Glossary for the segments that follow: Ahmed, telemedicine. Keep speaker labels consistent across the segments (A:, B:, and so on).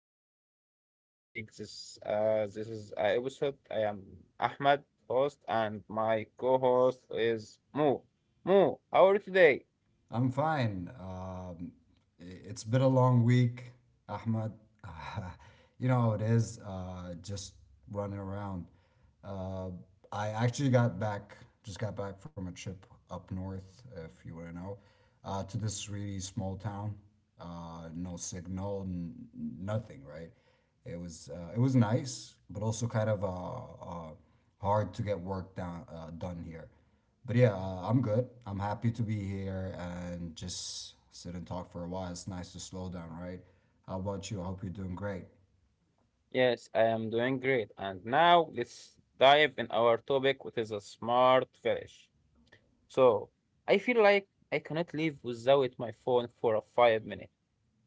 A: because of I am leading this this is episode. I am Ahmed, host, and my co-host is Mo. Mo, how are you today?
B: I'm fine. It's been a long week, Ahmed. You know how it is, just running around. Uh, I actually got back, just got back from a trip up north, if you want to know, to this really small town. No signal, nothing, right? It was nice, but also kind of hard to get work down, done here. But yeah, I'm good. I'm happy to be here and just sit and talk for a while. It's nice to slow down, right? How about you? I hope you're doing great.
A: Yes, I am doing great. And now let's dive in our topic, which is a smart finish. So I feel like I cannot live without my phone for a 5 minute.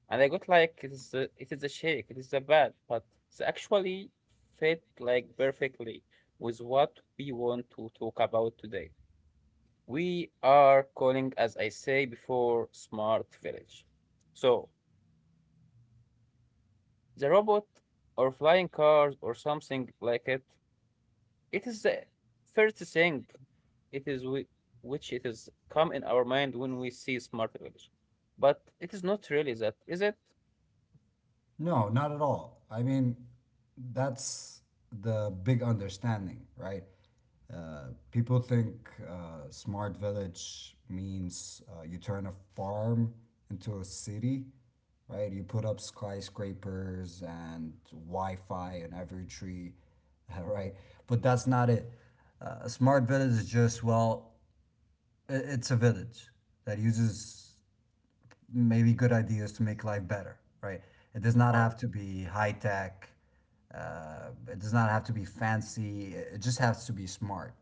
A: And I got like it is the shake, it is the bad, but it's actually fit like perfectly with what we want to talk about today. We are calling, as I say before, smart village. So the robot or flying cars or something like it is the first thing it is we, which it is come in our mind when we see smart village. But it is not really that, is it?
B: No, not at all. I mean, that's the big understanding, right? People think smart village means you turn a farm into a city, right? You put up skyscrapers and Wi Fi on every tree, right? But that's not it. A smart village is just, well, it's a village that uses maybe good ideas to make life better, right? It does not have to be high tech. It does not have to be fancy. It just has to be smart,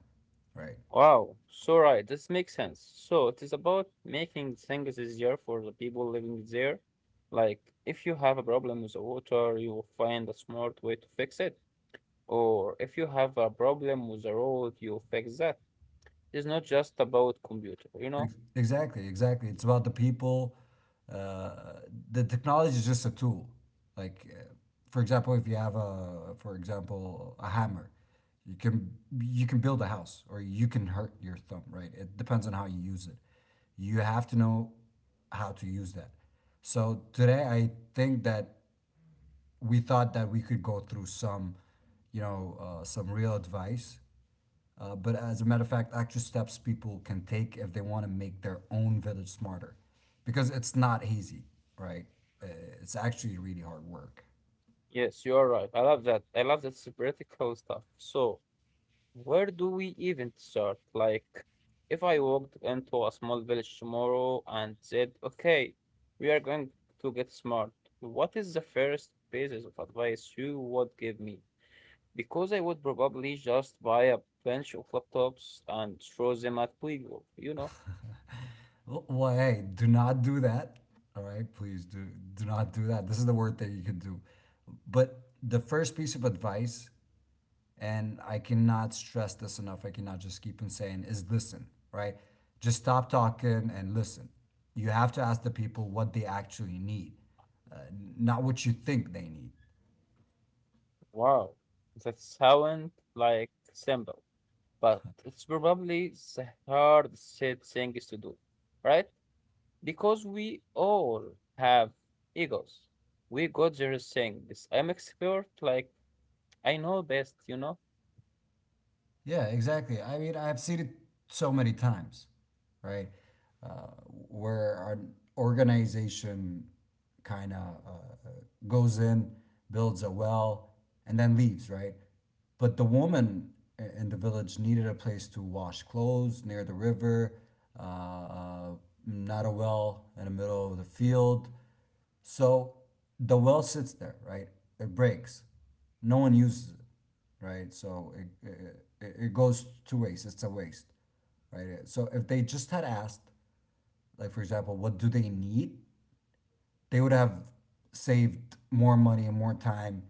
B: right?
A: Wow, so right. This makes sense. So it is about making things easier for the people living there. Like if you have a problem with the water, you will find a smart way to fix it. Or if you have a problem with the road, you fix that. It's not just about computer, you know?
B: Exactly. It's about the people. Uh, the technology is just a tool. Like, for example, if you have a, for example, a hammer, you can build a house or you can hurt your thumb, right? It depends on how you use it. You have to know how to use that. So today, I think that we thought that we could go through some, you know, some real advice but as a matter of fact, actual steps people can take if they want to make their own village smarter, because it's not easy, right? Uh, it's actually really hard work.
A: Yes, you are right. I love that. I love that practical stuff. So where do we even start? Like, if I walked into a small village tomorrow and said, okay, we are going to get smart, what is the first basis of advice you would give me? Because I would probably just buy a bunch of laptops and throw them at people, you know?
B: Well, hey, do not do that. All right, please do not do that. This is the word that you could do. But the first piece of advice and I cannot stress this enough. I cannot just keep on saying is listen, right? Just stop talking and listen. You have to ask the people what they actually need, uh, not what you think they need.
A: Wow, that sounds like simple, but it's probably the hardest thing is to do, right? Because we all have egos. We got there saying this. I'm expert, like I know best, you know.
B: Yeah, exactly. I mean, I've seen it so many times, right? Uh, where an organization kind of uh, goes in, builds a well, and then leaves, right? But the woman in the village needed a place to wash clothes near the river, uh, uh, not a well in the middle of the field. So the well sits there, right? It breaks. No one uses it, right? So it, it goes to waste. It's a waste, right? So if they just had asked, like, for example, what do they need? They would have saved more money and more time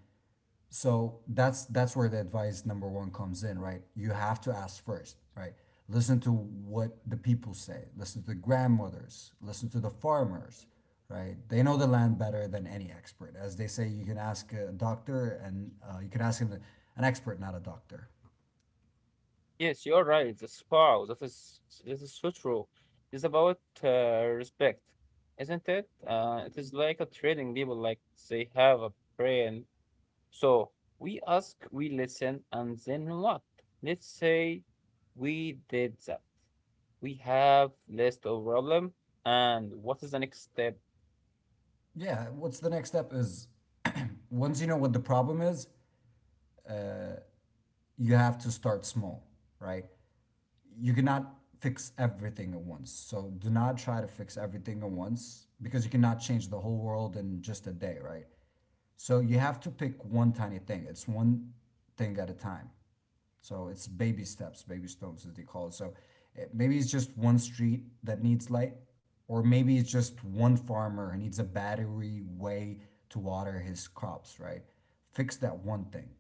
B: so that's where the advice number one comes in, right? You have to ask first, right? Listen to what the people say. Listen to the grandmothers. Listen to the farmers, right? They know the land better than any expert. As they say, you can ask a doctor, and you can ask him an expert, not a doctor.
A: Yes, you're right. The spa, that is so true. It's about respect, isn't it? It is like a trading people like they have a brain. So we ask, we listen, and then what? Let's say we did that. We have list of problem, and what is the next step?
B: Yeah. What's the next step? Is once you know what the problem is, you have to start small, right? You cannot fix everything at once. So do not try to fix everything at once because you cannot change the whole world in just a day, right? So you have to pick one tiny thing. It's one thing at a time. So it's baby steps, baby stones, as they call it. So maybe it's just one street that needs light, or maybe it's just one farmer who needs a battery way to water his crops, right? Fix that one thing,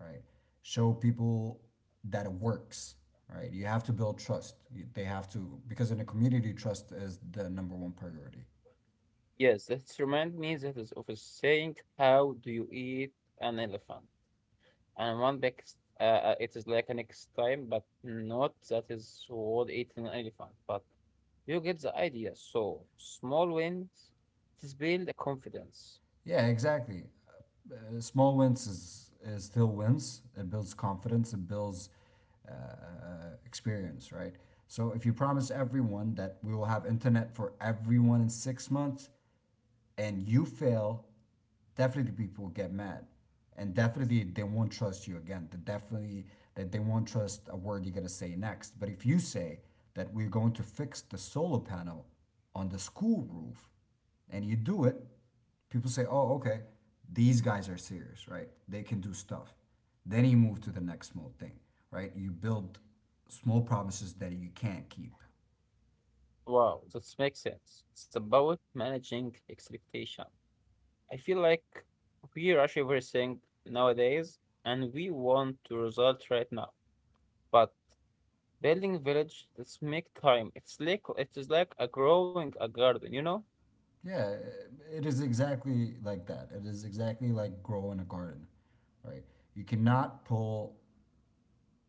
B: right? Show people that it works, right? You have to build trust. They have to, because in a community, trust is the number one priority.
A: Yes, that reminds me that is of a saying, how do you eat an elephant? And one next, it is like a next time, but not that is what eating an elephant. But you get the idea. So small wins, it is build a confidence.
B: Yeah, exactly. Small wins is still wins. It builds confidence, it builds experience, right? So if you promise everyone that we will have internet for everyone in 6 months and you fail, definitely people get mad. And definitely they won't trust you again. They definitely that they won't trust a word you're gonna say next. But if you say that we're going to fix the solar panel on the school roof and you do it, people say, oh, okay, these guys are serious, right? They can do stuff. Then you move to the next small thing, right? You build small promises that you can't keep.
A: Wow, that makes sense. It's about managing expectation. I feel like we rush everything nowadays, and we want to result right now. But building village, let's make time. It's like it is like a growing a garden, you know?
B: Yeah, it is exactly like that. It is exactly like growing a garden, right? You cannot pull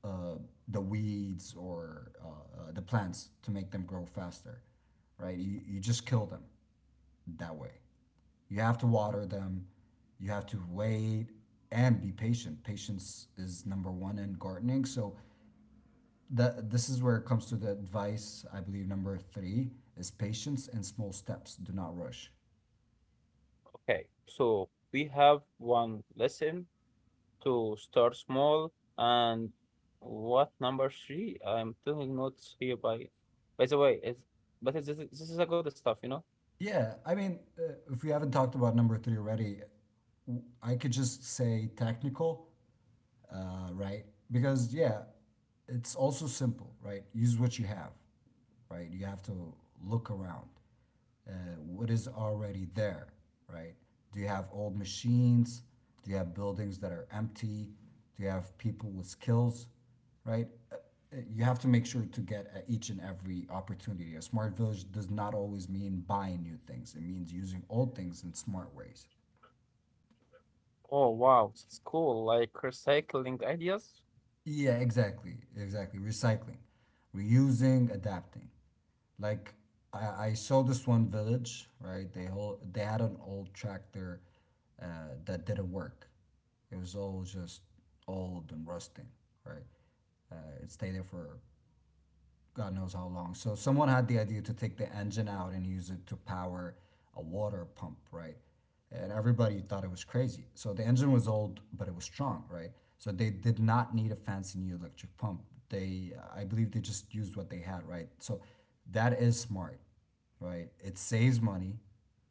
B: uh, the weeds or the plants to make them grow faster, right? You just kill them that way. You have to water them. You have to wait and be patient. Patience is number one in gardening. So the this is where it comes to the advice. I believe number three is patience and small steps. Do not rush.
A: Okay, so we have one lesson to start small and what number three? I'm taking notes here by the way, this is a good stuff, you know?
B: Yeah, I mean, if we haven't talked about number three already, I could just say technical right? Because yeah, it's also simple, right? Use what you have, right? You have to look around. Uh, what is already there, right? Do you have old machines? Do you have buildings that are empty? Do you have people with skills, right? You have to make sure to get at each and every opportunity. A smart village does not always mean buying new things. It means using old things in smart ways.
A: Oh wow, this is cool. Like recycling ideas.
B: Yeah, exactly. Recycling, reusing, adapting. Like I saw this one village, right? They had an old tractor uh, that didn't work. It was all just old and rusting, right? Uh, it stayed there for God knows how long. So someone had the idea to take the engine out and use it to power a water pump, right? And everybody thought it was crazy. So the engine was old, but it was strong, right? So they did not need a fancy new electric pump. They, they just used what they had, right? So that is smart, right? It saves money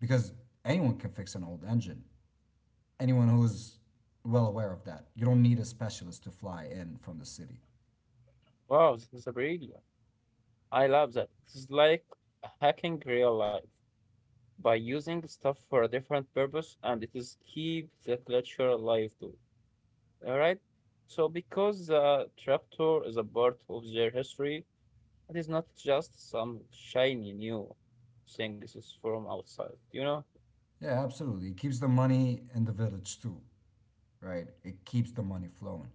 B: because anyone can fix an old engine. Anyone who's well aware of that, you don't need a specialist to fly in from the city.
A: Wow, this is a brilliant. I love that. This is like hacking real life, by using stuff for a different purpose and it is keep the culture alive too. All right. So because the trapdoor is a part of their history, it is not just some shiny new things is from outside, you know?
B: Yeah, absolutely. It keeps the money in the village too, right? It keeps the money flowing.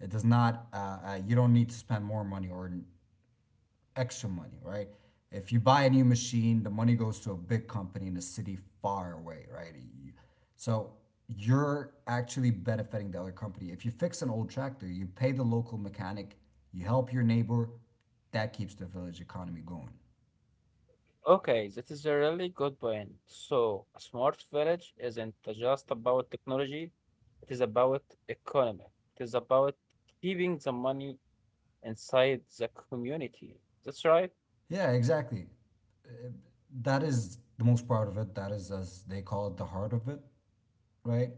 B: It does not. You don't need to spend more money or extra money, right? If you buy a new machine, the money goes to a big company in a city far away, right? So you're actually benefiting the other company. If you fix an old tractor, you pay the local mechanic, you help your neighbor, that keeps the village economy going.
A: Okay, that is a really good point. So a smart village isn't just about technology, it is about economy. It is about keeping the money inside the community. That's right.
B: Yeah, exactly. That is the most part of it. That is, as they call it, the heart of it, right?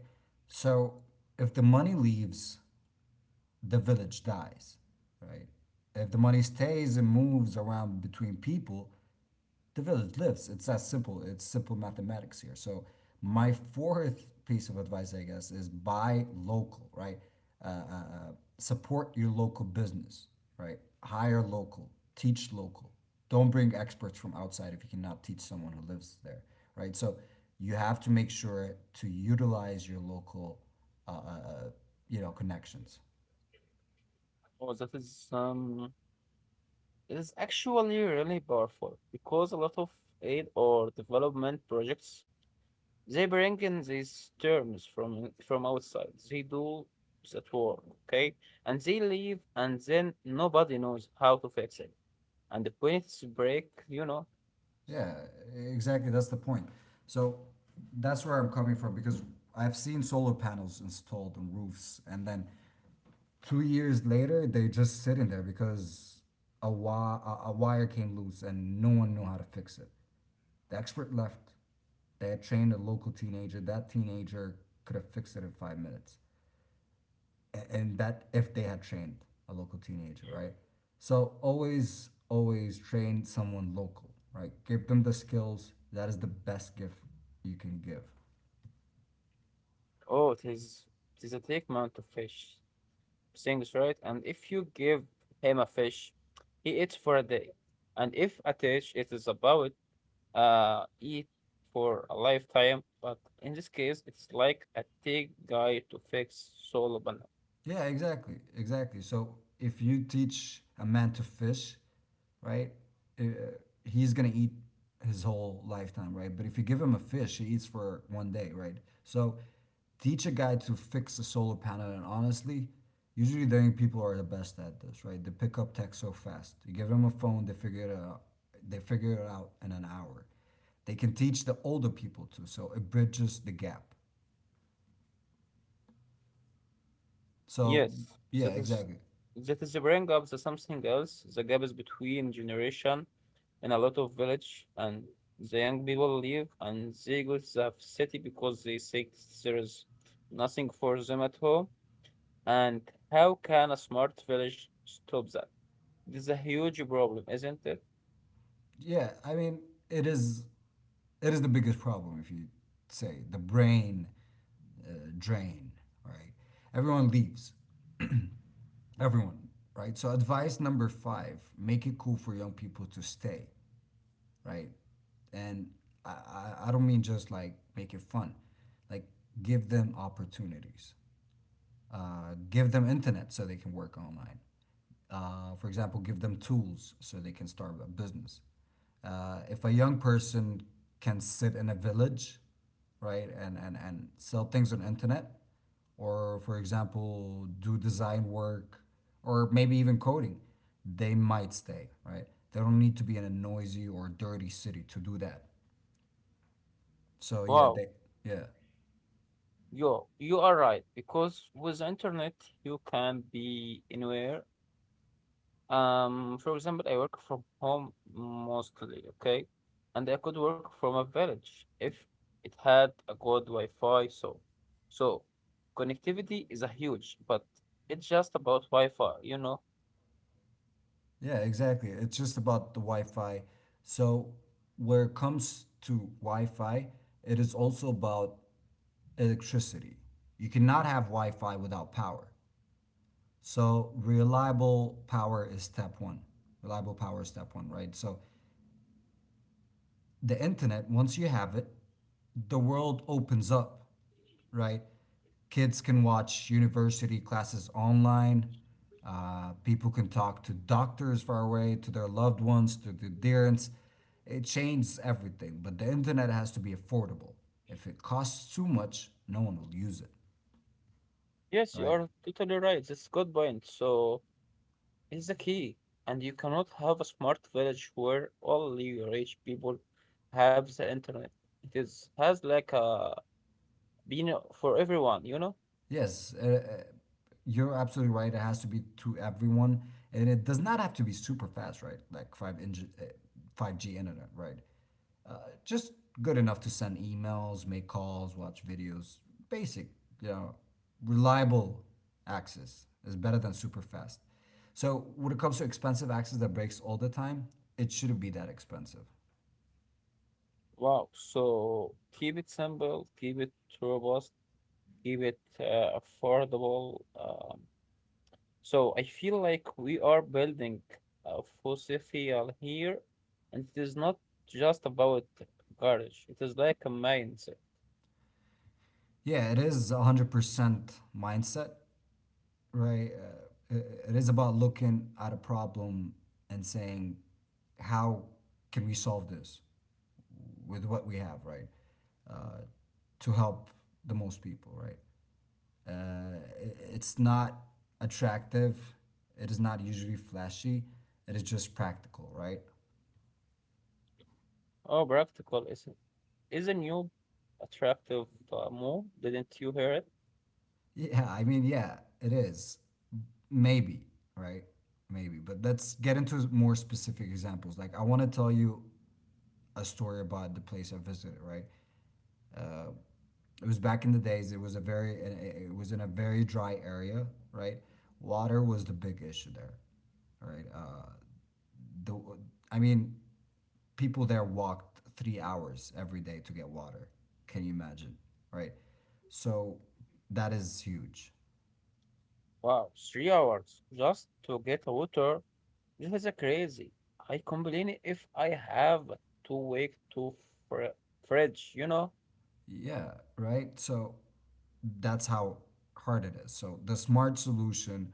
B: So if the money leaves, the village dies, right? If the money stays and moves around between people, the village lives. It's that simple. It's simple mathematics here. So my fourth piece of advice, I guess, is buy local, right? Uh, uh, uh, support your local business, right? Hire local, teach local. Don't bring experts from outside if you cannot teach someone who lives there, right? So you have to make sure to utilize your local, uh, uh, uh, you know, connections.
A: Oh, that is it is actually really powerful because a lot of aid or development projects they bring in these terms from outside. They do that work, okay? And they leave and then nobody knows how to fix it. And when it's break, you know,
B: Yeah, exactly. That's the point. So that's where I'm coming from because I've seen solar panels installed on roofs, and then 2 years later they just sit in there because a wire came loose and no one knew how to fix it. The expert left. They had trained a local teenager. That teenager could have fixed it in 5 minutes and that if they had trained a local teenager, right? So always, always train someone local, right? Give them the skills. That is the best gift you can give.
A: oh it is a thick amount of fish. Things right. And if you give him a fish, he eats for a day. And if a dish it is about eat for a lifetime, but in this case, it's like a tech guy to fix solar panel.
B: Yeah, exactly. So if you teach a man to fish, right, uh, he's gonna eat his whole lifetime, right? But if you give him a fish, he eats for one day, right? So teach a guy to fix a solar panel, and honestly, usually the young people are the best at this, right? They pick up tech so fast. You give them a phone, they figure it out. They figure it out in an hour. They can teach the older people too, so it bridges the gap. So
A: Yes,
B: yeah, exactly.
A: that is the brain gap, the something else. The gap is between generation in a lot of village, and the young people leave and they go to the city because they think there is nothing for them at home. And how can a smart village stop that? This is a huge problem, isn't it?
B: Yeah, I mean, it is the biggest problem if you say the brain drain, right? Everyone leaves, everyone, right? So advice number five: make it cool for young people to stay, right? And I don't mean just like make it fun, like give them opportunities. Give them internet so they can work online. For example, give them tools so they can start a business. If a young person can sit in a village, right, and sell things on internet, or for example, do design work, or maybe even coding, they might stay, right? They don't need to be in a noisy or dirty city to do that. So yeah,
A: Wow.
B: they yeah.
A: You are right because with internet you can be anywhere. For example, I work from home mostly, okay, and I could work from a village if it had a good Wi-Fi. So, so connectivity is a huge, but it's just about Wi-Fi, you know.
B: Yeah, exactly. It's just about the Wi-Fi. So where it comes to Wi-Fi, it is also about electricity. You cannot have Wi-Fi without power. So reliable power is step one. Reliable power is step one, right? So the internet, once you have it, the world opens up, right? Kids can watch university classes online. People can talk to doctors far away, to their loved ones, to the adherents. It changes everything, but the internet has to be affordable. If it costs too much, no one will use it,
A: Yes, you
B: right?
A: are totally right. That's a good point. So, is the key, and you cannot have a smart village where only rich people have the internet. It is has like a been for everyone, you know?
B: Yes, you're absolutely right. It has to be to everyone, and it does not have to be super fast, right? Like five inch, five G internet, right? uh, just good enough to send emails, make calls, watch videos. Basic, you know, reliable access is better than super fast. So when it comes to expensive access that breaks all the time, it shouldn't be that expensive.
A: Wow. So keep it simple, keep it robust, keep it affordable. So I feel like we are building a fossil here, and it is not just about garage. It is like a mindset.
B: Yeah, it is 100% mindset, right? It is about looking at a problem and saying, how can we solve this with what we have, right? Uh, to help the most people, right? It's not attractive. It is not usually flashy. It is just practical, right?
A: Oh, practical is a new attractive move. Didn't you hear it?
B: Yeah, I mean, yeah, it is. Maybe, right? Maybe. But let's get into more specific examples. Like, I want to tell you a story about the place I visited, right? It was back in the days. It was in a very dry area, right? Water was the big issue there, right? The, I mean, People there walked 3 hours every day to get water. Can you imagine? Right. So that is huge.
A: Wow, 3 hours just to get water. This is a crazy. I complain if I have to wait to fr- fridge, you know?
B: Yeah. Right. So that's how hard it is. So the smart solution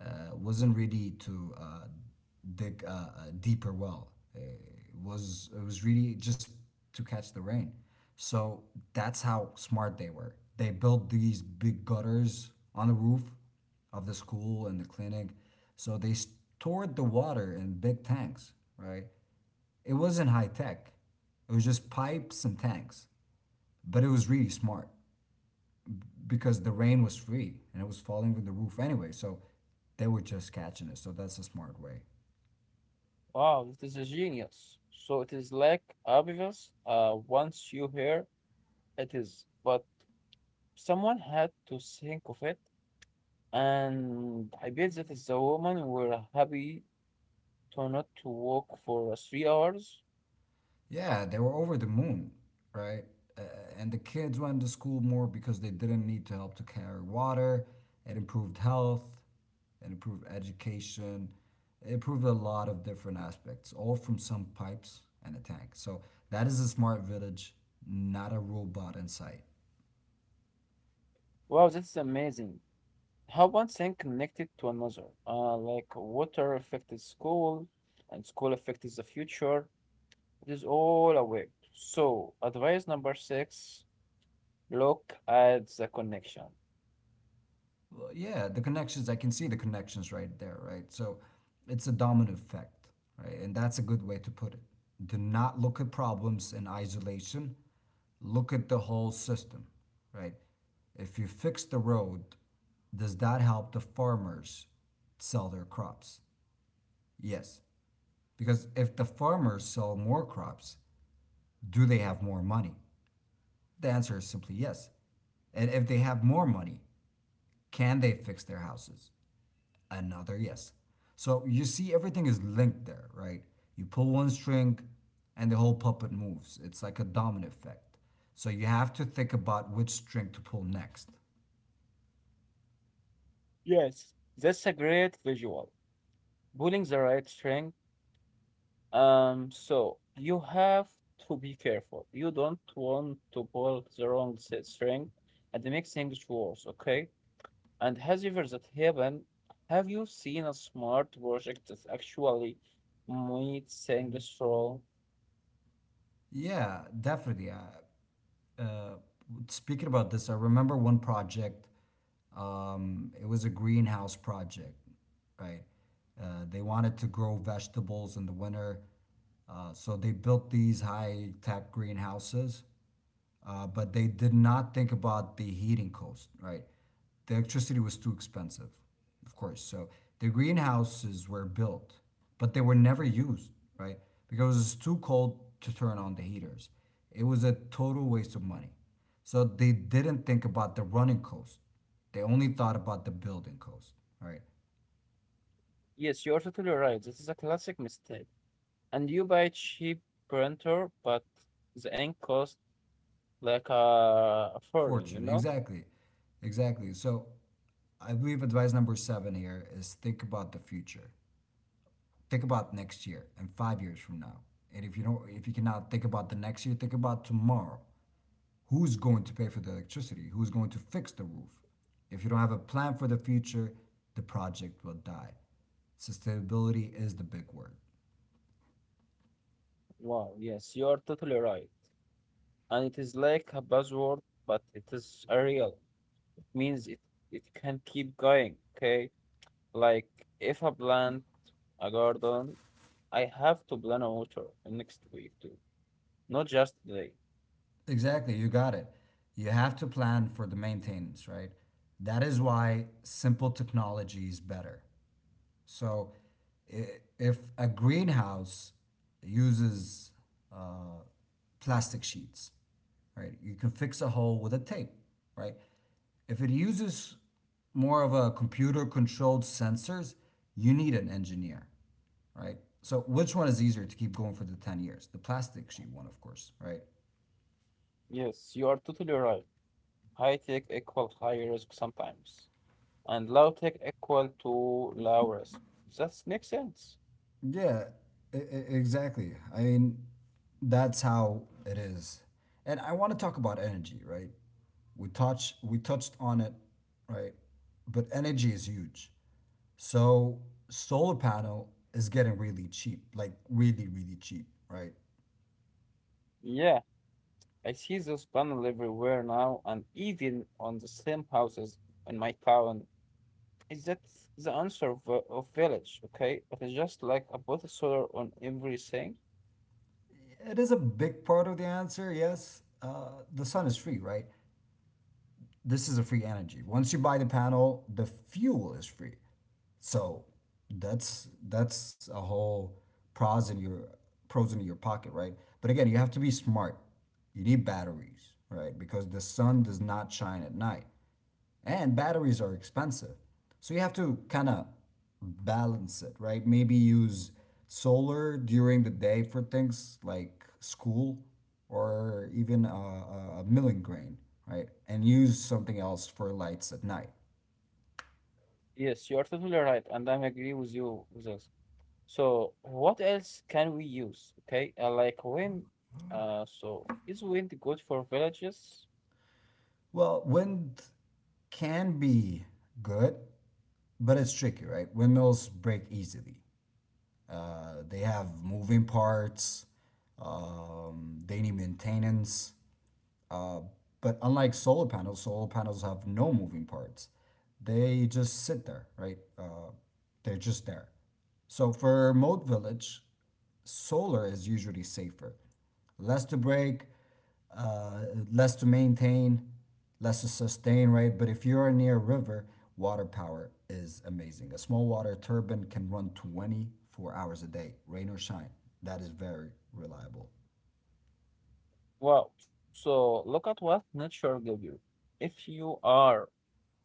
B: wasn't ready to dig a deeper well. It was really just to catch the rain. So that's how smart they were. They built these big gutters on the roof of the school and the clinic. So they stored the water in big tanks, right? It wasn't high tech. It was just pipes and tanks, but it was really smart because the rain was free and it was falling from the roof anyway. So they were just catching it. So that's a smart way.
A: Wow, this is a genius. So it is like obvious once you hear it is, but someone had to think of it, and I bet that is the woman were happy to not to walk for 3 hours.
B: Yeah, they were over the moon, right? Uh, and the kids went to school more because they didn't need to help to carry water. It improved health, it improved education, it improved a lot of different aspects, all from some pipes and a tank. So that is a smart village, not a robot in sight.
A: Wow, that's amazing. How one thing connected to another, like water affected school and school affected the future. It is all a web. So, advice number six, look at the connection.
B: Well, yeah, the connections, I can see the connections right there, right? So it's a domino effect, right? And that's a good way to put it. Do not look at problems in isolation, look at the whole system, right? If you fix the road, does that help the farmers sell their crops? Yes. Because if the farmers sell more crops, do they have more money? The answer is simply yes. And if they have more money, can they fix their houses? Another yes. So you see, everything is linked there, right? You pull one string, and the whole puppet moves. It's like a domino effect. So you have to think about which string to pull next.
A: Yes, that's a great visual. Pulling the right string. So you have to be careful. You don't want to pull the wrong string and it makes things worse, okay? And has ever that happened? Have you seen a smart project that actually meets saying this role?
B: Yeah, definitely. Uh, Speaking about this, I remember one project. It was a greenhouse project, right? They wanted to grow vegetables in the winter, so they built these high tech greenhouses but they did not think about the heating cost, right? The electricity was too expensive, of course. So the greenhouses were built, but they were never used, right? Because it was too cold to turn on the heaters. It was a total waste of money. So they didn't think about the running cost. They only thought about the building cost, right?
A: Yes, you are totally right. This is a classic mistake. And you buy cheap printer, but the ink cost like a foreign, you
B: Fortune,
A: know?
B: exactly, exactly. So I believe advice number 7 here is think about the future. Think about next year and 5 years from now. And if you don't, if you cannot think about the next year, think about tomorrow. Who's going to pay for the electricity? Who's going to fix the roof? If you don't have a plan for the future, the project will die. Sustainability is the big word.
A: Wow, yes, you are totally right. And it is like a buzzword, but it is a real. It means it, it can keep going, okay? Like if a plant, a garden, I have to plan a water next week too, not just today.
B: Exactly, you got it. You have to plan for the maintenance, right? That is why simple technology is better. So if a greenhouse uses uh, plastic sheets, right, you can fix a hole with a tape, right? If it uses more of a computer controlled sensors, you need an engineer, right? So which one is easier to keep going for the 10 years? The plastic sheet one, of course, right?
A: Yes, you are totally right. High tech equal high risk sometimes, and low tech equal to low risk. That makes sense.
B: Yeah, exactly. I mean, that's how it is. And I want to talk about energy, right? We touched on it, right? But energy is huge. So solar panel is getting really cheap, like really really cheap, right?
A: Yeah, I see those panels everywhere now, and even on the same houses in my town. Is that the answer of village? Okay, it is just like a bottle soda on everything.
B: It is a big part of the answer. Yes, the sun is free, right? This is a free energy. Once you buy the panel, the fuel is free. So that's a whole pros in your pros in your pocket, right? But again, you have to be smart. You need batteries, right? Because the sun does not shine at night and batteries are expensive. So you have to kind of balance it, right? Maybe use solar during the day for things like school or even a milling grain, right? And use something else for lights at night.
A: Yes, you are totally right, and I agree with you with this. So, what else can we use? Okay, like wind. So is wind good for villages?
B: Well, wind can be good, but it's tricky, right? Windmills break easily. They have moving parts. They need maintenance. Uh, but unlike solar panels have no moving parts. They just sit there, right? They're just there. So for remote village, solar is usually safer. Less to break, uh, less to maintain, less to sustain, right? But if you're near a river, water power is amazing. A small water turbine can run 24 hours a day, rain or shine. That is very reliable.
A: Wow. So look at what nature give you. If you are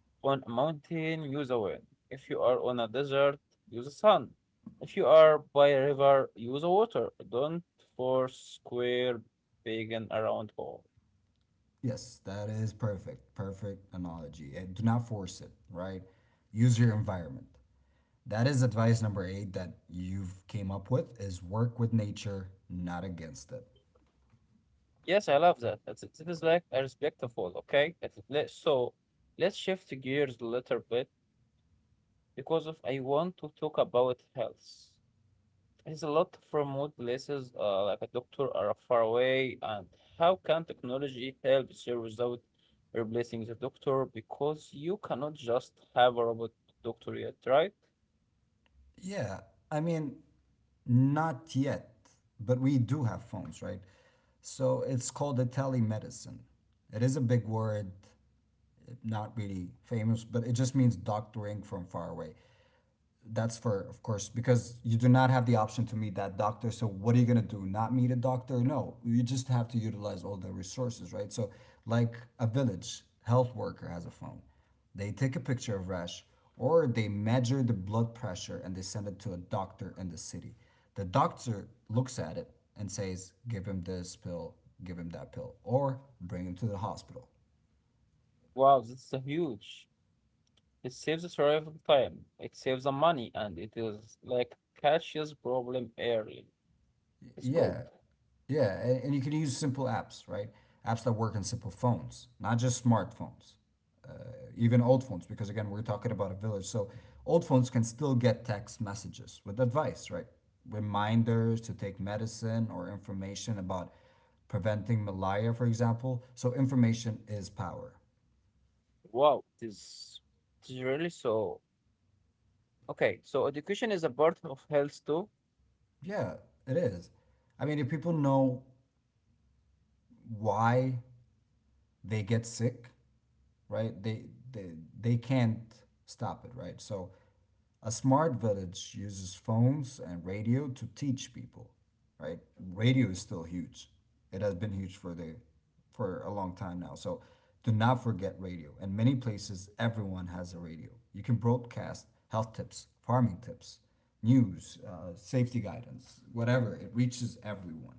A: on a mountain, use a wind. If you are on a desert, use the sun. If you are by a river, use the water. Don't force square peg in a round hole.
B: Yes, that is perfect. Perfect analogy. And do not force it, right? Use your environment. That is advice number 8 that you've came up with is work with nature, not against it.
A: Yes, I love that. It's, it is like a respectful, okay? It- let- So let's shift gears a little bit because of I want to talk about health. There's a lot from remote places, like a doctor are far away, and how can technology help there without replacing the doctor? Because you cannot just have a robot doctor yet, right?
B: Yeah, I mean not yet, but we do have phones, right? So it's called a telemedicine. It is a big word, not really famous, but it just means doctoring from far away. That's for of course, because you do not have the option to meet that doctor. So what are you gonna do? Not meet a doctor? No, you just have to utilize all the resources, right? So like a village health worker has a phone, they take a picture of rash or they measure the blood pressure and they send it to a doctor in the city. The doctor looks at it and says, give him this pill, give him that pill, or bring him to the hospital.
A: Wow, that's a huge. It saves the survival time, it saves the money, and it is like catches problem early. It's good.
B: Yeah, yeah, and you can use simple apps, right? Apps that work on simple phones, not just smartphones, even old phones, because again, we're talking about a village. So old phones can still get text messages with advice, right? Reminders to take medicine or information about preventing malaria, for example. So information is power.
A: Wow, this is it is really so. Okay, so education is a part of health too.
B: Yeah, it is. I mean, if people know why they get sick, right? They they can't stop it, right? So a smart village uses phones and radio to teach people, right? Radio is still huge. It has been huge for the for a long time now. So do not forget radio. In many places everyone has a radio. You can broadcast health tips, farming tips, news, safety guidance, whatever. It reaches everyone.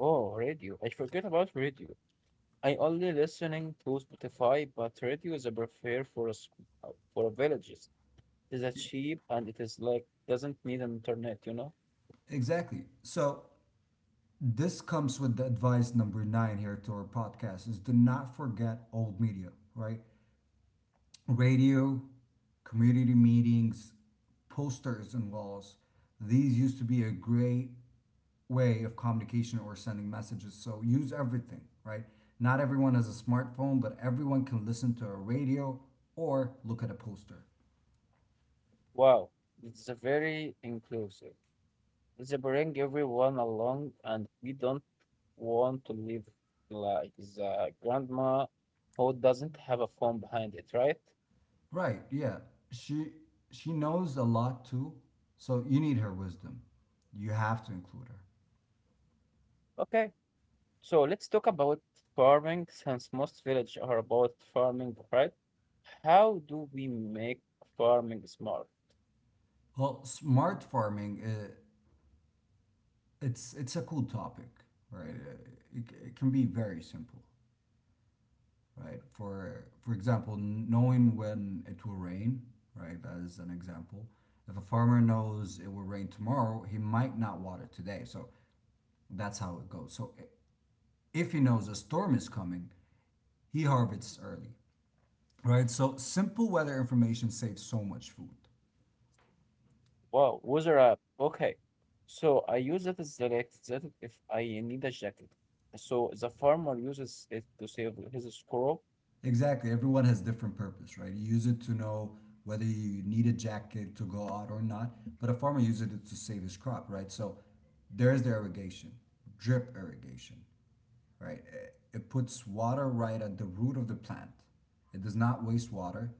A: Oh, radio. I forget about radio. I only listening to Spotify, but radio is a prefer for a, uh, for a villages. It is a
B: Yeah,
A: cheap and it is like doesn't need an internet, you know?
B: exactly. So this comes with the advice number 9 here to our podcast is do not forget old media, right? Radio, community meetings, posters and walls, these used to be a great way of communication or sending messages, so use everything, right? Not everyone has a smartphone, but everyone can listen to a radio or look at a poster,
A: Wow, it's a very inclusive. It's a bring everyone along and we don't want to live like the grandma who doesn't have a phone behind it, right?
B: right? Yeah, she she knows a lot too, so you need her wisdom, you have to include her.
A: Okay, so let's talk about farming since most villages are about farming, right? How do we make farming smart?
B: Well, smart farming, it's a cool topic, right? It can be very simple, right? For example, knowing when it will rain, right? As an example, if a farmer knows it will rain tomorrow, he might not water today. So that's how it goes. So if he knows a storm is coming, he harvests early, right? So simple weather information saves so much food.
A: Wow, weather app. Okay. So I use it as the next that if I need a jacket. So the farmer uses it to save his crop.
B: Exactly. Everyone has different purpose, right? You use it to know whether you need a jacket to go out or not, but a farmer uses it to save his crop, right? So there's the irrigation, drip irrigation, right? It puts water right at the root of the plant. It does not waste water.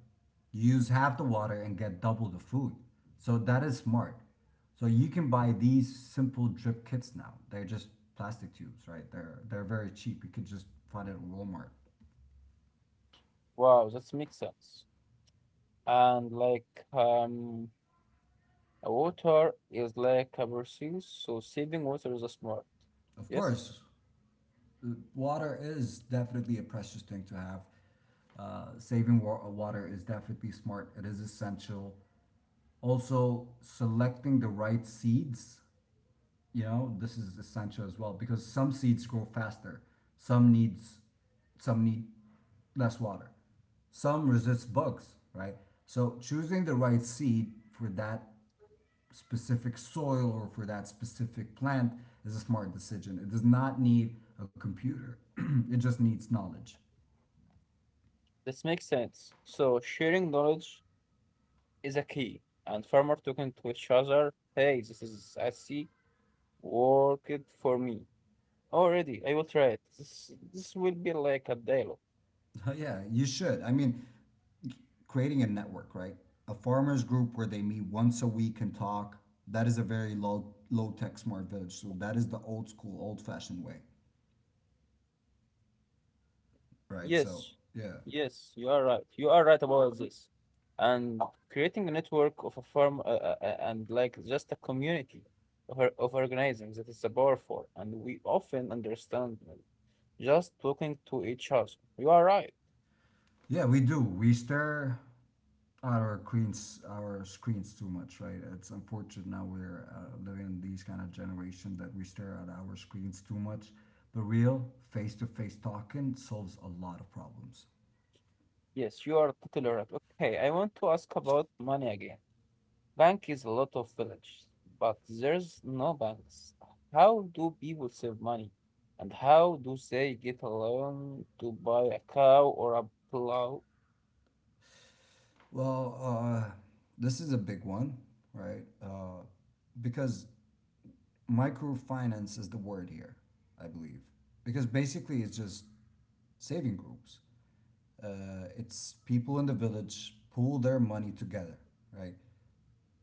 B: You use half the water and get double the food. So that is smart. So you can buy these simple drip kits now. They're just plastic tubes, right? They're very cheap. You could just find it at Walmart.
A: Wow, that makes sense. And like um water is like a resource, so saving water is a smart.
B: Of
A: Yes,
B: course, water is definitely a precious thing to have. Saving water is definitely smart. It is essential. Also, selecting the right seeds, you know, this is essential as well because some seeds grow faster. Some needs, some need less water. Some resist bugs, right? So choosing the right seed for that specific soil or for that specific plant is a smart decision. It does not need a computer. It just needs knowledge.
A: this makes sense. So sharing knowledge is a key. And farmer talking to each other, hey, this is I see, work it for me. Already, I will try it. This will be like a dialogue.
B: Yeah, you should. I mean, creating a network, right? A farmers group where they meet once a week and talk. That is a very low tech smart village. So that is the old school, old fashioned way, right? So
A: Yes,
B: yeah.
A: yes, you are right. You are right about this. And creating a network of a firm and like just a community of, of organizing that is a powerful, and we often understand them just talking to each other. You are right.
B: Yeah, we do. We stare at our screens too much, right? It's unfortunate now we're living in these kind of generation that we stare at our screens too much. But real face-to-face talking solves a lot of problems.
A: Yes, you are totally right. Okay, I want to ask about money again. Bank is a lot of villages, but there's no banks. How do people save money? And how do they get a loan to buy a cow or a plow?
B: Well, this is a big one, right? Because microfinance is the word here, I believe. Because basically, it's just saving groups. It's people in the village pool their money together, right?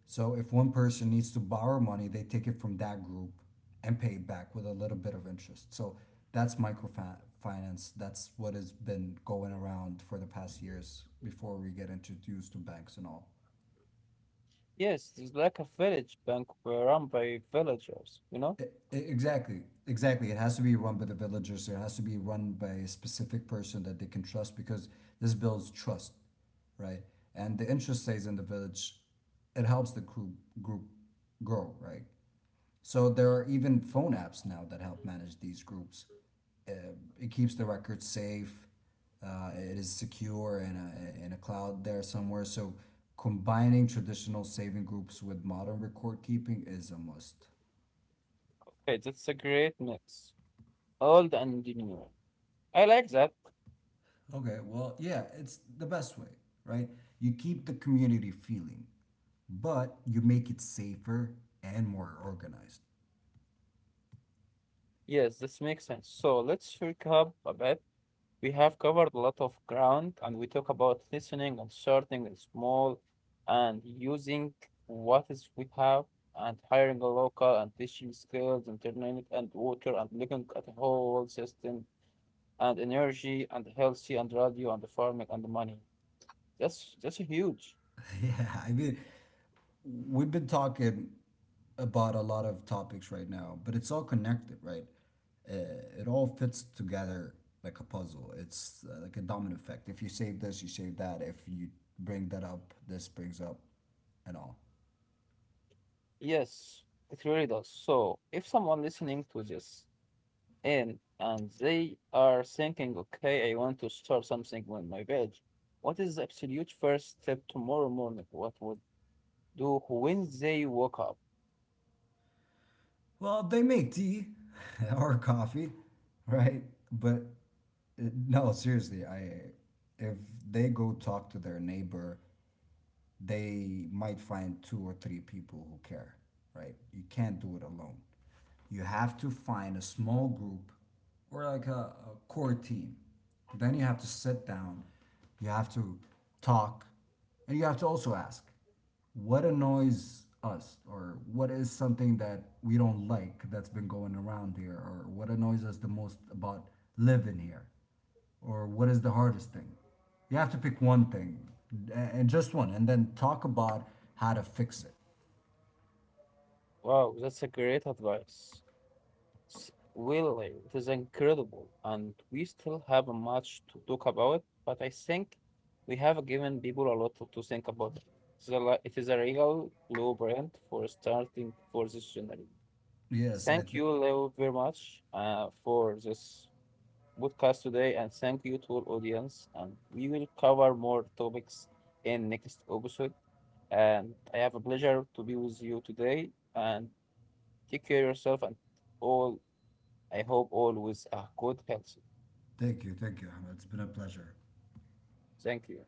B: So if one person needs to borrow money, they take it from that group and pay it back with a little bit of interest. So that's microfinance. That's what has been going around for the past years before we get introduced to banks and all.
A: Yes, it's like a village bank run by villagers, you know?
B: E- Exactly. Exactly. It has to be run by the villagers. It has to be run by a specific person that they can trust because this builds trust, right? And the interest stays in the village. It helps the group grow, right? So there are even phone apps now that help manage these groups. Uh, it keeps the records safe. It is secure in a cloud there somewhere. So combining traditional saving groups with modern record keeping is a must.
A: Okay, that's a great mix. Old and new. I like that.
B: Okay, well, yeah, it's the best way, right? You keep the community feeling, but you make it safer and more organized.
A: Yes, this makes sense. So let's recap a bit. We have covered a lot of ground and we talk about listening and starting small and using what is we have and hiring a local and teaching skills, internet and water and looking at the whole system and energy and healthy and radio and the farming and the money. That's huge.
B: Yeah, I mean, we've been talking about a lot of topics right now, but it's all connected, right? It all fits together like a puzzle. It's like a domino effect. If you save this, you save that. If you bring that up, this brings up and all.
A: Yes, it really does. So if someone listening to this in and they are thinking, okay, I want to start something on my page. What is the absolute first step tomorrow morning? What would do when they wake up?
B: Well, they make tea or coffee, right? But no, seriously, I if they go talk to their neighbor, they might find two or three people who care, right? You can't do it alone. You have to find a small group or like a core team. Then you have to sit down, you have to talk, and you have to also ask what annoys us or what is something that we don't like that's been going around here or what annoys us the most about living here or what is the hardest thing. You have to pick one thing and just one, and then talk about how to fix it.
A: Wow, that's a great advice. S- Really, it is incredible. And we still have much to talk about, but I think we have given people a lot to think about. It's a, it is a real blueprint for starting for this journey.
B: yes i
A: Thank
B: th-
A: you, Leo, very much for this podcast today, and thank you to our audience. And we will cover more topics in next episode. And I have a pleasure to be with you today. And take care of yourself and all. I hope all with a good health.
B: thank you, Ahmed. It's been a pleasure.
A: Thank you.